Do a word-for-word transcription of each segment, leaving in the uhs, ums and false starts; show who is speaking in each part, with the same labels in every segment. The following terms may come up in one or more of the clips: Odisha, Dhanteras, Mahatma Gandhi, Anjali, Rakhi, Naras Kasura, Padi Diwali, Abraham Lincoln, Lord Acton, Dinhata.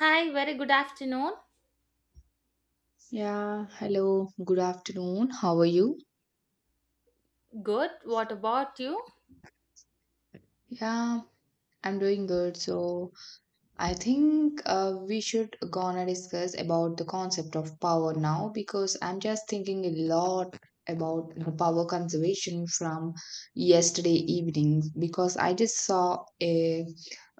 Speaker 1: Hi, very good afternoon.
Speaker 2: Yeah, hello, good afternoon. How are you?
Speaker 1: Good. What about you?
Speaker 2: Yeah, I'm doing good. So, I think uh, we should gonna discuss about the concept of power now because I'm just thinking a lot about the power conservation from yesterday evening because I just saw a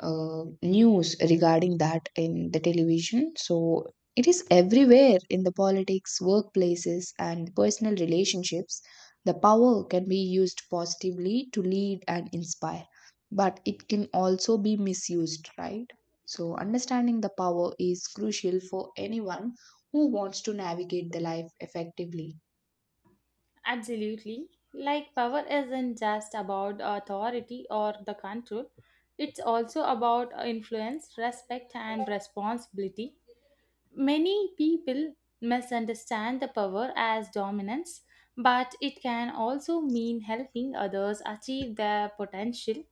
Speaker 2: uh, news regarding that in the television. So it is everywhere in the politics, workplaces, and personal relationships. The power can be used positively to lead and inspire, but it can also be misused, right? So, understanding the power is crucial for anyone who wants to navigate the life effectively.
Speaker 1: Absolutely. Like, power isn't just about authority or the control, it's also about influence, respect, and responsibility. Many people misunderstand the power as dominance, but it can also mean helping others achieve their potential.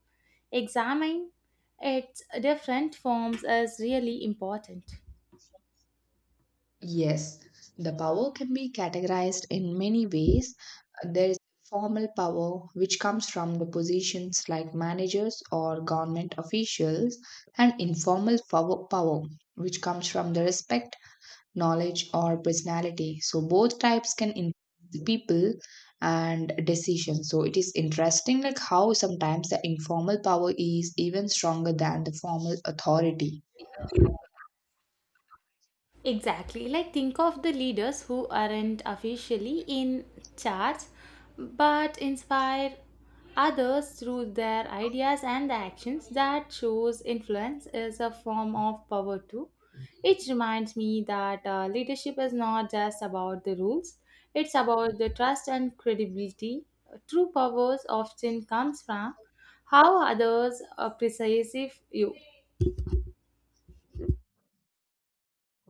Speaker 1: Examining its different forms is really important.
Speaker 2: Yes, the power can be categorized in many ways. There is formal power, which comes from the positions like managers or government officials, and informal pow- power, which comes from the respect knowledge, or personality. So both types can influence the people and decisions. So it is interesting like how sometimes the informal power is even stronger than the formal authority.
Speaker 1: Exactly. Like, think of the leaders who aren't officially in charge but inspire others through their ideas and the actions. That shows influence is a form of power, too. It reminds me that uh, leadership is not just about the rules, it's about the trust and credibility. True powers often comes from how others uh, perceive you.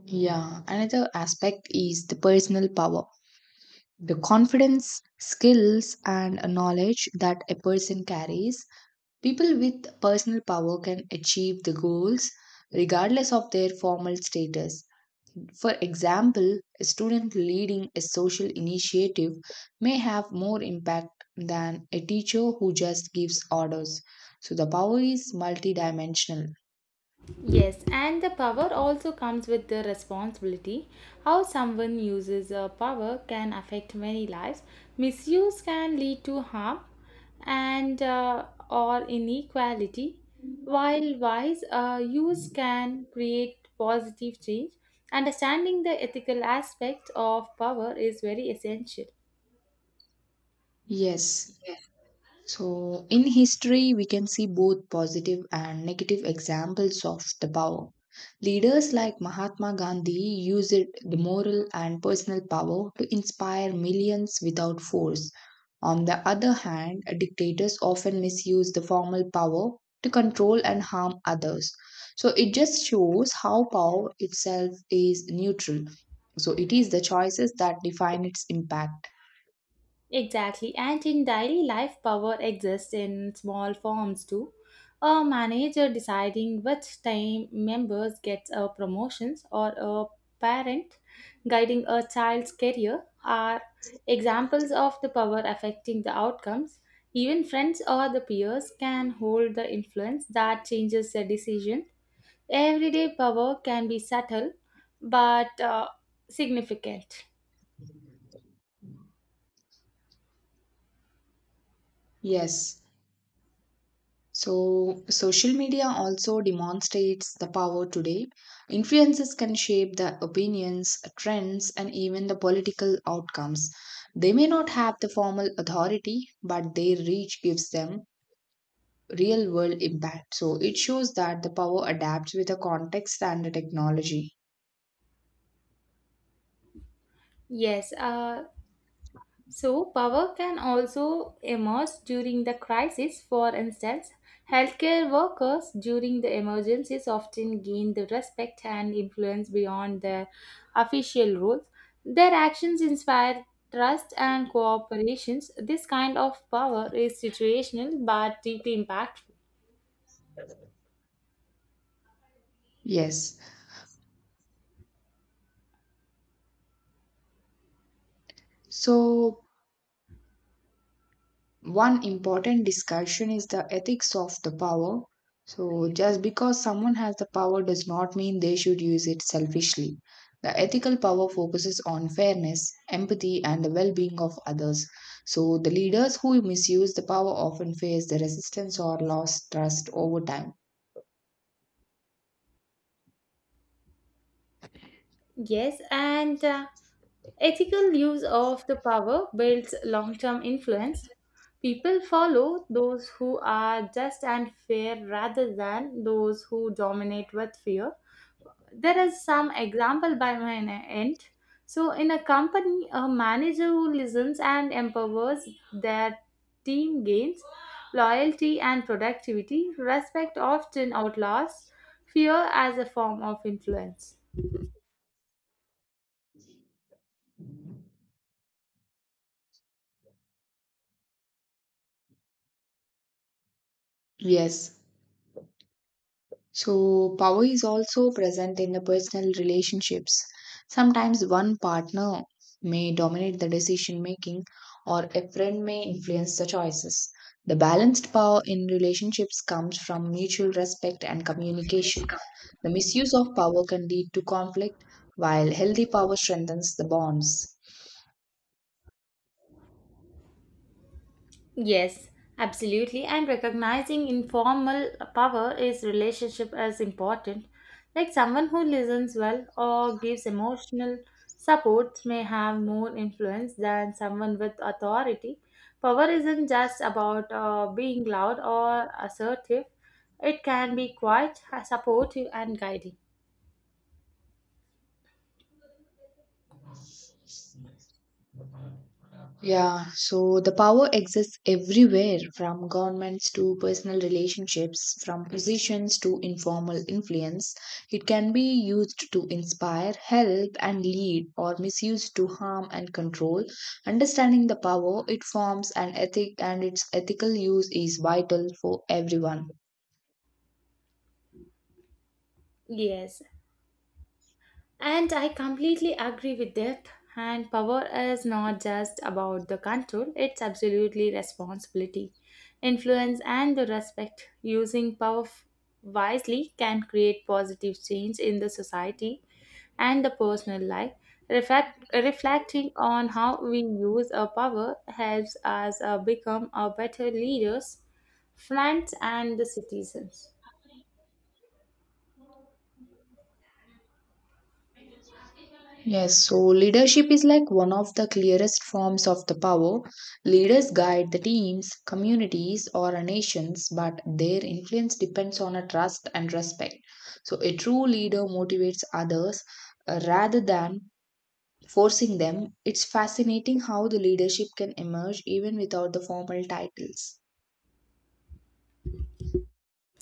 Speaker 2: Yeah, another aspect is the personal power. The confidence, skills, and knowledge that a person carries. People with personal power can achieve the goals regardless of their formal status. For example, a student leading a social initiative may have more impact than a teacher who just gives orders. So the power is multidimensional.
Speaker 1: Yes, and the power also comes with the responsibility. How someone uses a power can affect many lives. Misuse can lead to harm and uh, or inequality, while wise uh, use can create positive change. Understanding the ethical aspect of power is very essential.
Speaker 2: Yes. So in history, we can see both positive and negative examples of the power. Leaders like Mahatma Gandhi used the moral and personal power to inspire millions without force. On the other hand, dictators often misuse the formal power to control and harm others. So it just shows how power itself is neutral. So it is the choices that define its impact.
Speaker 1: Exactly, and in daily life, power exists in small forms too. A manager deciding which team members gets a promotions, or a parent guiding a child's career are examples of the power affecting the outcomes. Even friends or the peers can hold the influence that changes the decision. Everyday power can be subtle but uh, significant.
Speaker 2: Yes. So social media also demonstrates the power today. Influences can shape the opinions, trends, and even the political outcomes. They may not have the formal authority, but their reach gives them real world impact. So it shows that the power adapts with the context and the technology.
Speaker 1: Yes, uh, So, power can also emerge during the crisis. For instance, healthcare workers during the emergencies often gain the respect and influence beyond their official roles. Their actions inspire trust and cooperations. This kind of power is situational but deeply impactful.
Speaker 2: Yes. So one important discussion is the ethics of the power. So just because someone has the power does not mean they should use it selfishly. The ethical power focuses on fairness, empathy, and the well being of others. So the leaders who misuse the power often face the resistance or lost trust over time.
Speaker 1: Yes, and uh, ethical use of the power builds long term influence. People follow those who are just and fair rather than those who dominate with fear. There is some example by my end. So, in a company, a manager who listens and empowers their team gains loyalty and productivity. Respect often outlaws fear as a form of influence.
Speaker 2: Yes. So, power is also present in the personal relationships. Sometimes one partner may dominate the decision making, or a friend may influence the choices. The balanced power in relationships comes from mutual respect and communication. The misuse of power can lead to conflict, while healthy power strengthens the bonds.
Speaker 1: Yes, absolutely. And recognizing informal power is relationship as important. Like someone who listens well or gives emotional support may have more influence than someone with authority. Power isn't just about uh, being loud or assertive. It can be quite supportive and guiding.
Speaker 2: Yeah, so the power exists everywhere from governments to personal relationships, from positions to informal influence. It can be used to inspire, help, and lead, or misused to harm and control. Understanding the power it forms an ethic, and its ethical use is vital for everyone.
Speaker 1: Yes, and I completely agree with that. And power is not just about the control, it's absolutely responsibility, influence, and the respect. Using power f- wisely can create positive change in the society and the personal life. Reflect, reflecting on how we use our power helps us uh, become a better leaders, friends, and the citizens.
Speaker 2: Yes, so leadership is like one of the clearest forms of the power. Leaders guide the teams, communities, or nations, but their influence depends on a trust and respect. So, a true leader motivates others uh, rather than forcing them. It's fascinating how the leadership can emerge even without the formal titles.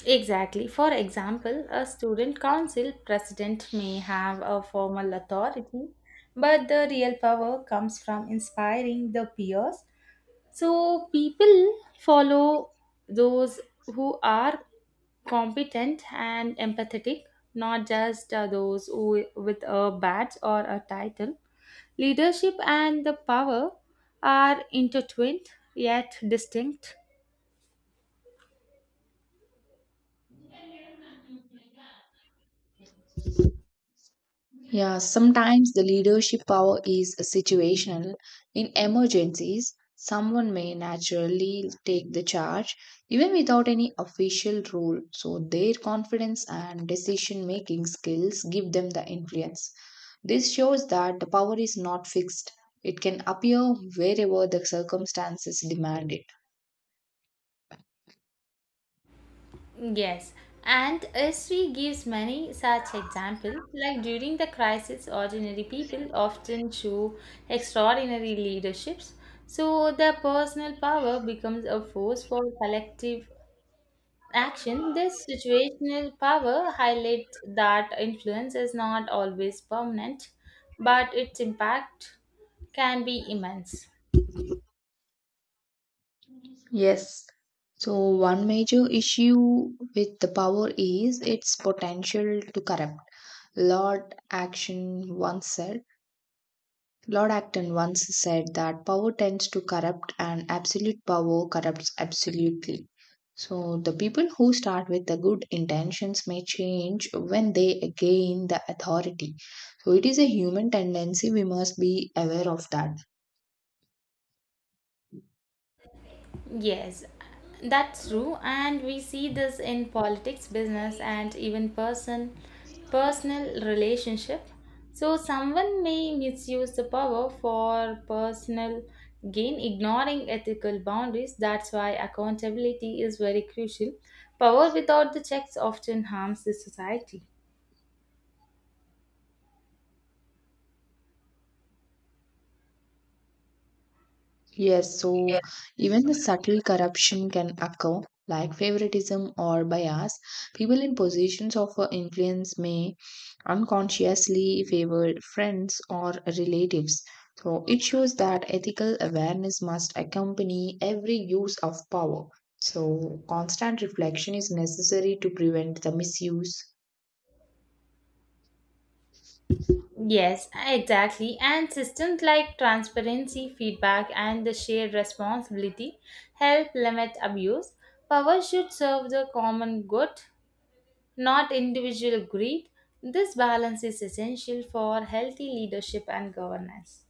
Speaker 1: Exactly. For example, a student council president may have a formal authority, but the real power comes from inspiring the peers. So people follow those who are competent and empathetic, not just uh, those who with a badge or a title. Leadership and the power are intertwined yet distinct.
Speaker 2: Yeah, sometimes the leadership power is situational. In emergencies, someone may naturally take the charge even without any official role. So, their confidence and decision making skills give them the influence. This shows that the power is not fixed, it can appear wherever the circumstances demand it.
Speaker 1: Yes, and history gives many such examples. Like during the crisis, ordinary people often show extraordinary leaderships. So their personal power becomes a force for collective action. This situational power highlights that influence is not always permanent, but its impact can be immense.
Speaker 2: Yes. So, one major issue with the power is its potential to corrupt. Lord Action once said, Lord Acton once said that power tends to corrupt and absolute power corrupts absolutely. So the people who start with the good intentions may change when they gain the authority. So it is a human tendency we must be aware of that.
Speaker 1: Yes, that's true, and we see this in politics, business, and even person personal relationship. So someone may misuse the power for personal gain, ignoring ethical boundaries. That's why accountability is very crucial. Power without the checks often harms the society.
Speaker 2: Yes, so even the subtle corruption can occur, like favoritism or bias. People in positions of uh, influence may unconsciously favor friends or relatives. So it shows that ethical awareness must accompany every use of power. So constant reflection is necessary to prevent the misuse.
Speaker 1: Yes, exactly. And systems like transparency, feedback, and the shared responsibility help limit abuse. Power should serve the common good, not individual greed. This balance is essential for healthy leadership and governance.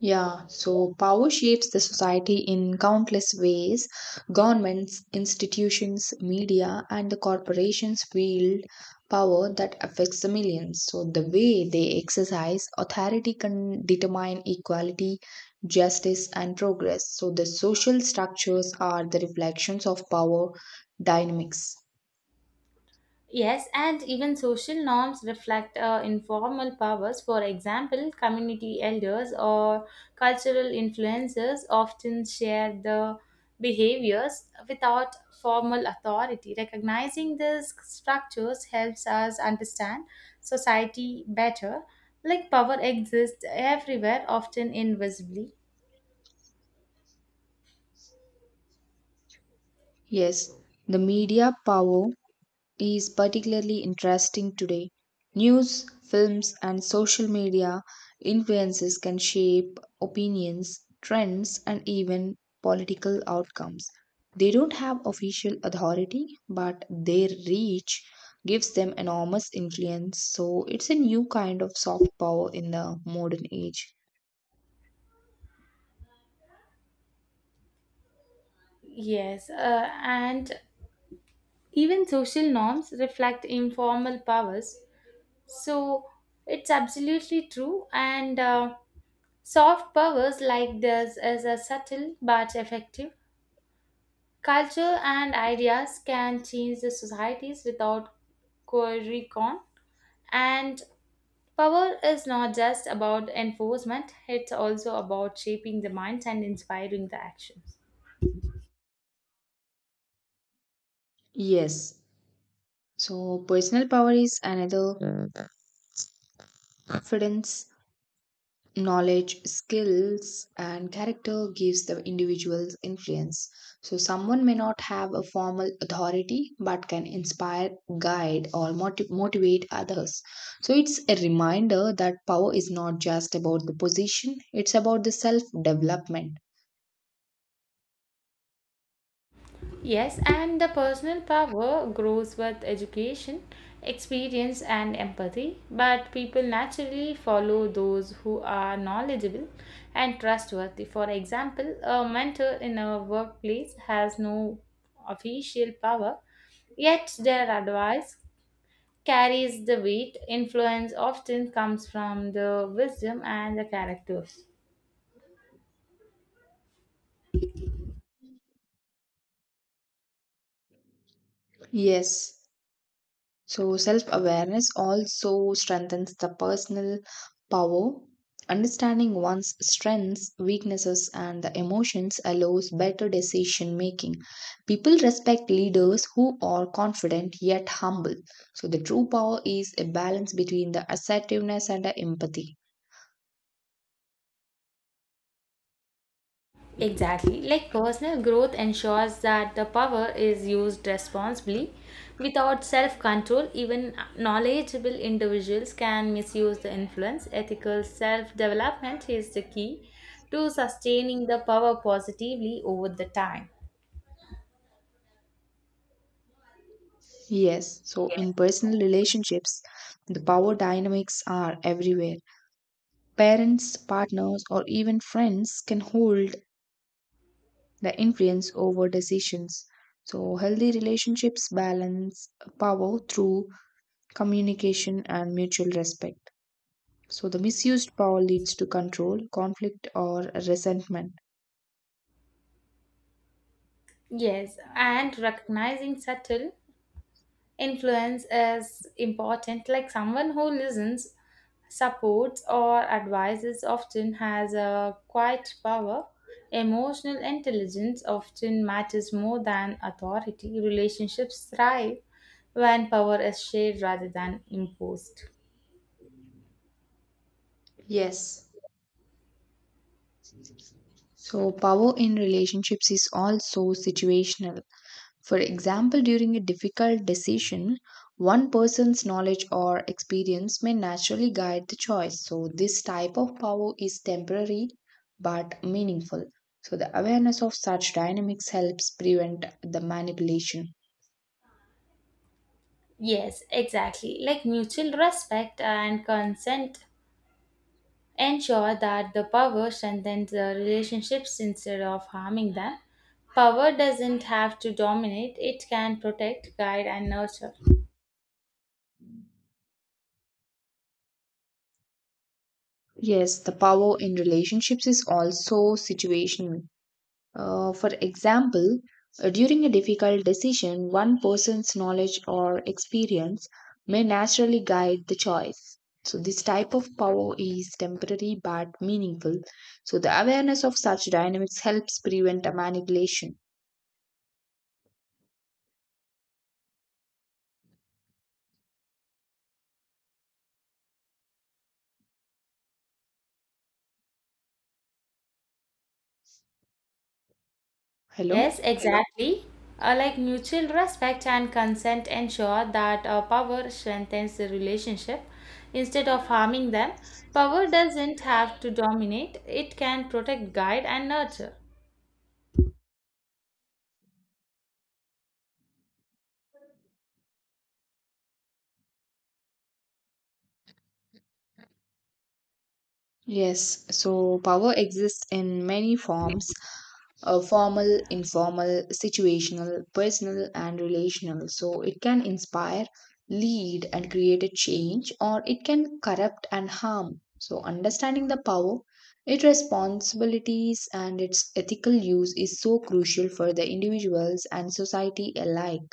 Speaker 2: Yeah, so power shapes the society in countless ways. Governments, institutions, media, and the corporations wield power that affects the millions. So the way they exercise authority can determine equality, justice, and progress. So the social structures are the reflections of power dynamics.
Speaker 1: Yes, and even social norms reflect uh, informal powers. For example, community elders or cultural influencers often share the behaviors without formal authority. Recognizing these structures helps us understand society better. Like power exists everywhere, often invisibly.
Speaker 2: Yes, the media power is particularly interesting today. News, films, and social media influences can shape opinions, trends, and even political outcomes. They don't have official authority, but their reach gives them enormous influence. So it's a new kind of soft power in the modern age.
Speaker 1: Yes, uh, and even social norms reflect informal powers. So it's absolutely true. And uh, soft powers like this is a subtle but effective. Culture and ideas can change the societies without coercion. And power is not just about enforcement; it's also about shaping the minds and inspiring the actions.
Speaker 2: Yes. So personal power is another confidence knowledge skills and character gives the individual's influence so someone may not have a formal authority but can inspire guide or motiv- motivate others so it's a reminder that power is not just about the position it's about the self development
Speaker 1: Yes, and the personal power grows with education, experience, and empathy. But people naturally follow those who are knowledgeable and trustworthy. For example, a mentor in a workplace has no official power, yet their advice carries the weight. Influence often comes from the wisdom and the characters.
Speaker 2: yes. So, self awareness also strengthens the personal power. Understanding one's strengths, weaknesses, and the emotions allows better decision making. People respect leaders who are confident yet humble. So, the true power is a balance between the assertiveness and the empathy.
Speaker 1: Exactly. Like personal growth ensures that the power is used responsibly. Without self control, even knowledgeable individuals can misuse the influence. Ethical self development is the key to sustaining the power positively over the time.
Speaker 2: Yes, so in personal relationships, the power dynamics are everywhere. Parents, partners, or even friends can hold the influence over decisions. So, healthy relationships balance power through communication and mutual respect. So, the misused power leads to control, conflict, or resentment.
Speaker 1: Yes, and recognizing subtle influence is important, like someone who listens, supports, or advises often has a quiet power. Emotional intelligence often matters more than authority. Relationships thrive when power is shared rather than imposed.
Speaker 2: Yes. So, power in relationships is also situational. For example, during a difficult decision, one person's knowledge or experience may naturally guide the choice. So, this type of power is temporary but meaningful. So, the awareness of such dynamics helps prevent the manipulation.
Speaker 1: Yes, exactly. Like mutual respect and consent ensure that the power strengthens the relationships instead of harming them. Power doesn't have to dominate, it can protect, guide, and nurture.
Speaker 2: Yes, the power in relationships is also situational. Uh, for example, uh, during a difficult decision, one person's knowledge or experience may naturally guide the choice. So, this type of power is temporary but meaningful. So, the awareness of such dynamics helps prevent a manipulation. Hello?
Speaker 1: Yes, exactly. Uh, like mutual respect and consent ensure that uh, power strengthens the relationship instead of harming them. Power doesn't have to dominate, it can protect, guide, and nurture.
Speaker 2: Yes, so power exists in many forms uh, formal, informal, situational, personal, and relational. So it can inspire, lead, and create a change, or it can corrupt and harm. So understanding the power, its responsibilities, and its ethical use is so crucial for the individuals and society alike.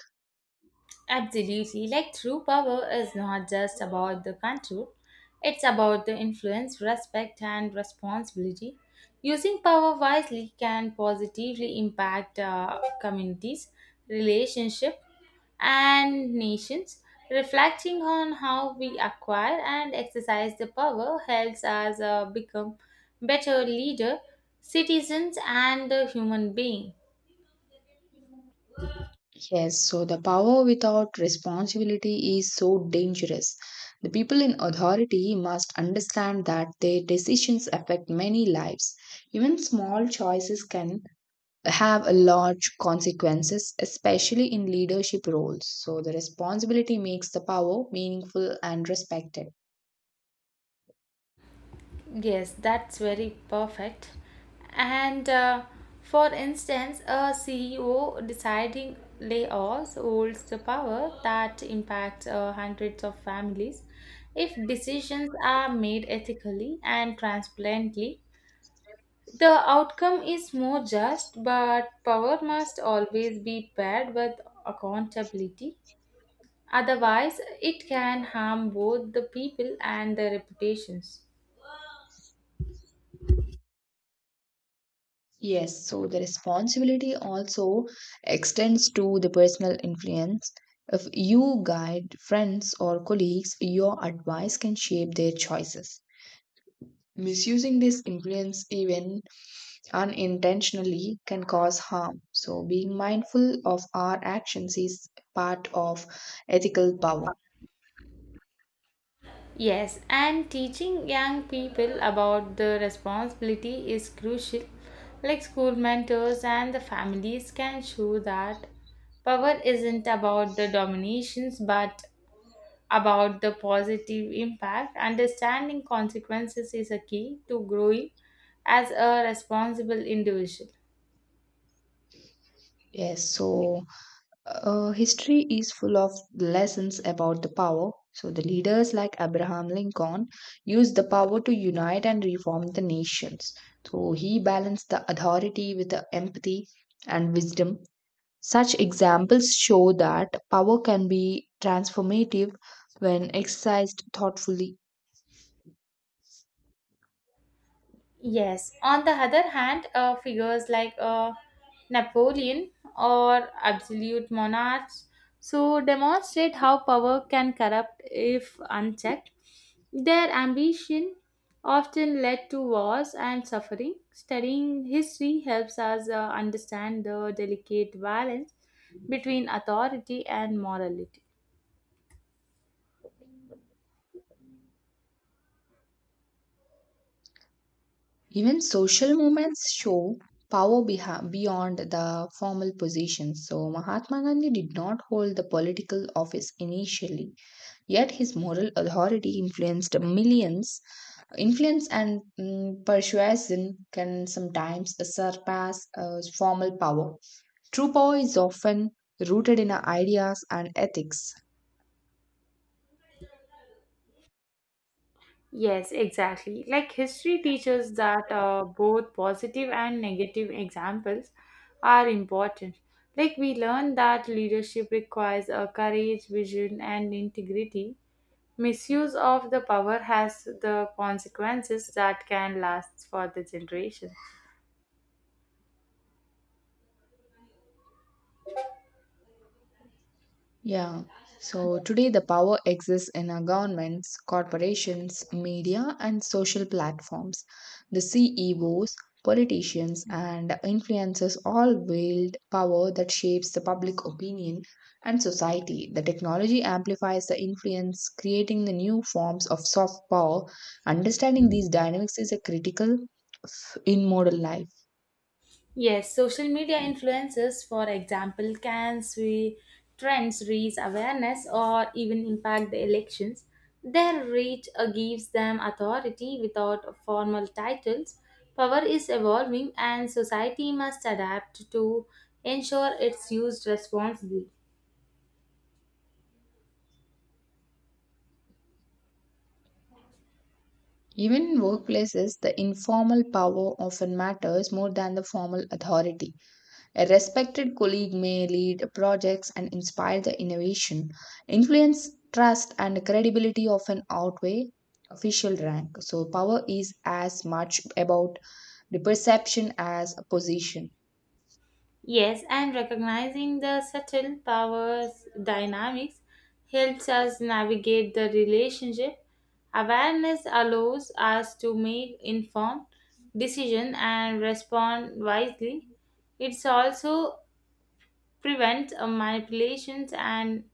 Speaker 1: Absolutely. Like true power is not just about the control, it's about the influence, respect, and responsibility. Using power wisely can positively impact uh, communities, relationships, and nations. Reflecting on how we acquire and exercise the power helps us uh, become better leader, citizens, and a human being.
Speaker 2: Yes, so the power without responsibility is so dangerous. The people in authority must understand that their decisions affect many lives. Even small choices can have a large consequences, especially in leadership roles. So the responsibility makes the power meaningful and respected.
Speaker 1: Yes, that's very perfect. And uh, for instance, a C E O deciding layoffs holds the power that impacts uh, hundreds of families. If decisions are made ethically and transparently, the outcome is more just, but power must always be paired with accountability. Otherwise, it can harm both the people and their reputations.
Speaker 2: Yes, so the responsibility also extends to the personal influence. If you guide friends or colleagues, your advice can shape their choices. Misusing this influence, even unintentionally, can cause harm. So, being mindful of our actions is part of ethical power.
Speaker 1: Yes, and teaching young people about the responsibility is crucial. Like school mentors and the families can show that power isn't about the dominations but about the positive impact. Understanding consequences is a key to growing as a responsible individual.
Speaker 2: Yes, so Uh, history is full of lessons about the power. So, the leaders like Abraham Lincoln used the power to unite and reform the nations. So, he balanced the authority with the empathy and wisdom. Such examples show that power can be transformative when exercised thoughtfully.
Speaker 1: Yes. On the other hand, uh, figures like uh, Napoleon or absolute monarchs so demonstrate how power can corrupt if unchecked. Their ambition often led to wars and suffering. Studying history helps us uh, understand the delicate balance between authority and morality.
Speaker 2: Even social movements show power beha- beyond the formal positions. So, Mahatma Gandhi did not hold the political office initially, yet his moral authority influenced millions. Influence and mm, persuasion can sometimes surpass uh, formal power. True power is often rooted in our ideas and ethics.
Speaker 1: Yes, exactly. Like history teaches that uh, both positive and negative examples are important. Like we learn that leadership requires a courage, vision, and integrity. Misuse of the power has the consequences that can last for the generation.
Speaker 2: Yeah. So today the power exists in our governments, corporations, media, and social platforms. The C E Os, politicians, and influencers all wield power that shapes the public opinion and society. The technology amplifies the influence, creating the new forms of soft power. Understanding these dynamics is a critical f- in modern life.
Speaker 1: Yes, social media influencers, for example, can sweep trends, raise awareness, or even impact the elections. Their reach uh, gives them authority without formal titles. Power is evolving, and society must adapt to ensure it's used responsibly.
Speaker 2: Even in workplaces, the informal power often matters more than the formal authority. A respected colleague may lead projects and inspire the innovation. Influence, trust, and credibility often outweigh official rank. So, power is as much about the perception as a position.
Speaker 1: Yes, and recognizing the subtle powers dynamics helps us navigate the relationship. Awareness allows us to make informed decisions and respond wisely. It also prevents uh, manipulations and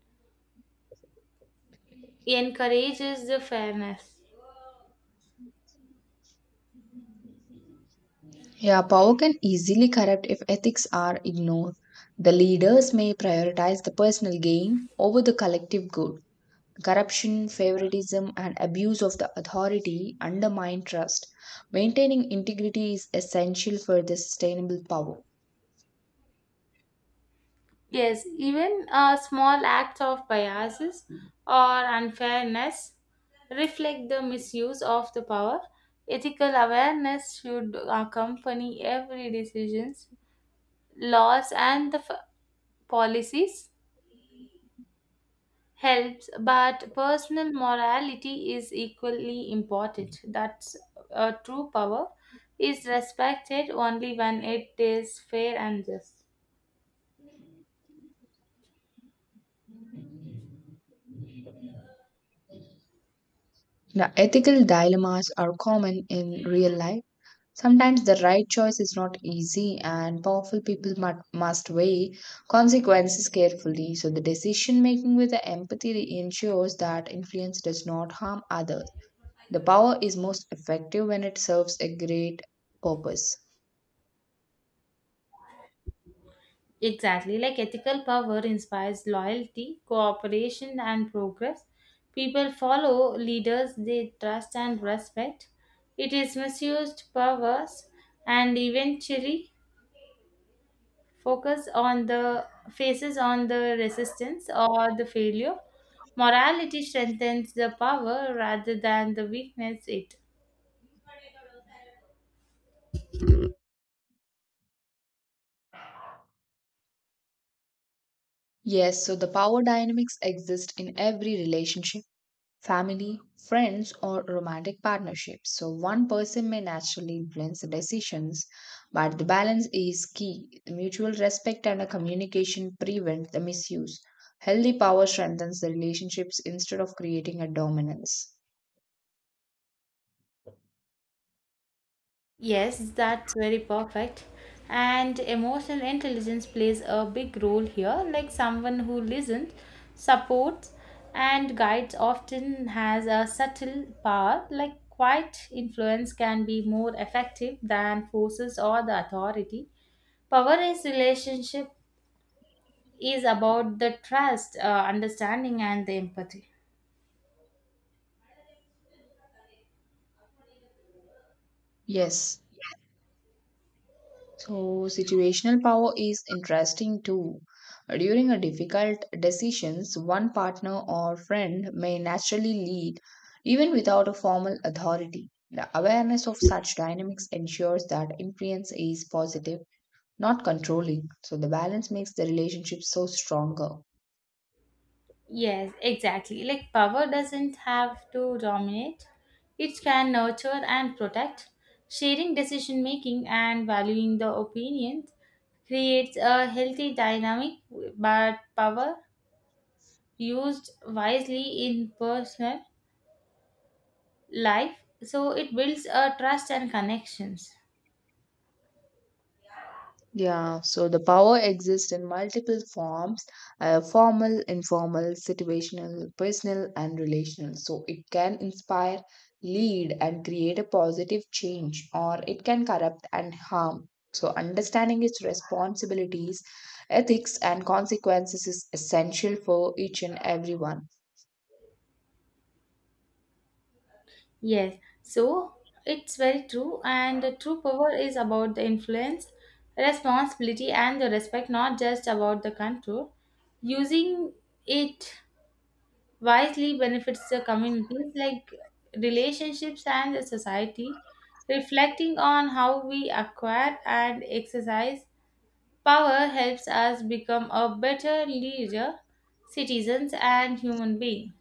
Speaker 1: encourages the fairness.
Speaker 2: Yeah, power can easily corrupt if ethics are ignored. The leaders may prioritize the personal gain over the collective good. Corruption, favoritism, and abuse of the authority undermine trust. Maintaining integrity is essential for the sustainable power.
Speaker 1: Yes, even uh, small acts of biases or unfairness reflect the misuse of the power. Ethical awareness should accompany every decisions, laws and the f- policies helps, but personal morality is equally important. That's a true power is respected only when it is fair and just.
Speaker 2: The ethical dilemmas are common in real life. Sometimes the right choice is not easy, and powerful people mu- must weigh consequences carefully. So, the decision making with the empathy ensures that influence does not harm others. The power is most effective when it serves a great purpose.
Speaker 1: Exactly, like ethical power inspires loyalty, cooperation, and progress. People follow leaders they trust and respect. It is misused powers and eventually focus on the faces on the resistance or the failure. Morality strengthens the power rather than the weakness it.
Speaker 2: Yes, so the power dynamics exist in every relationship, family, friends, or romantic partnerships. So one person may naturally influence the decisions, but the balance is key. The mutual respect and a communication prevent the misuse. Healthy power strengthens the relationships instead of creating a dominance.
Speaker 1: Yes, that's very perfect. And emotional intelligence plays a big role here. Like someone who listens, supports, and guides often has a subtle power. Like quiet influence can be more effective than forces or the authority. Power is relationship is about the trust, uh, understanding, and the empathy.
Speaker 2: Yes. So, situational power is interesting too. During a difficult decisions, one partner or friend may naturally lead even without a formal authority. The awareness of such dynamics ensures that influence is positive, not controlling. So the balance makes the relationship so stronger.
Speaker 1: Yes, exactly. Like power doesn't have to dominate, it can nurture and protect. Sharing decision making and valuing the opinions creates a healthy dynamic, but power used wisely in personal life so it builds a trust and connections.
Speaker 2: Yeah, so the power exists in multiple forms uh, formal, informal, situational, personal, and relational. So it can inspire, lead, and create a positive change, or it can corrupt and harm. So understanding its responsibilities, ethics, and consequences is essential for each and everyone.
Speaker 1: Yes, so it's very true, and the true power is about the influence, responsibility, and the respect, not just about the control. Using it wisely benefits the communities like relationships and the society. Reflecting on how we acquire and exercise power helps us become a better leader, citizens, and human being.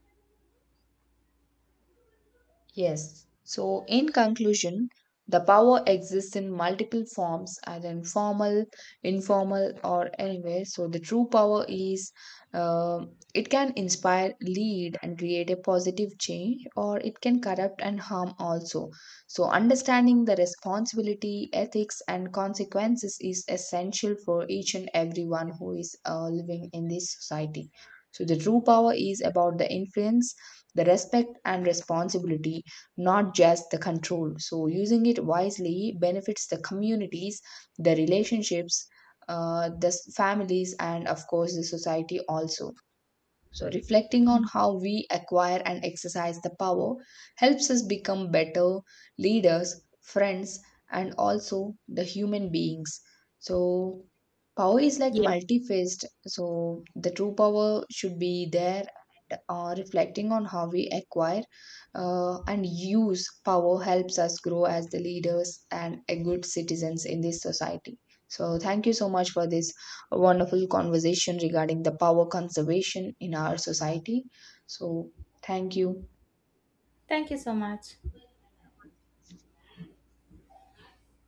Speaker 2: Yes. So, in conclusion, the power exists in multiple forms, either informal, informal, or anywhere. So, the true power is uh, it can inspire, lead, and create a positive change, or it can corrupt and harm also. So, understanding the responsibility, ethics, and consequences is essential for each and everyone who is uh, living in this society. So, the true power is about the influence, the respect, and responsibility not just the control. So, using it wisely benefits the communities, the relationships, uh, the s- families, and of course, the society also. So, reflecting on how we acquire and exercise the power helps us become better leaders, friends, and also the human beings. So, power is like
Speaker 1: Yes,
Speaker 2: multi-faced. So, the true power should be there. And, uh, reflecting on how we acquire uh, and use power helps us grow as the leaders and a good citizens in this society. So, thank you so much for this a wonderful conversation regarding the power conservation in our society. So, thank you.
Speaker 1: thank you so much.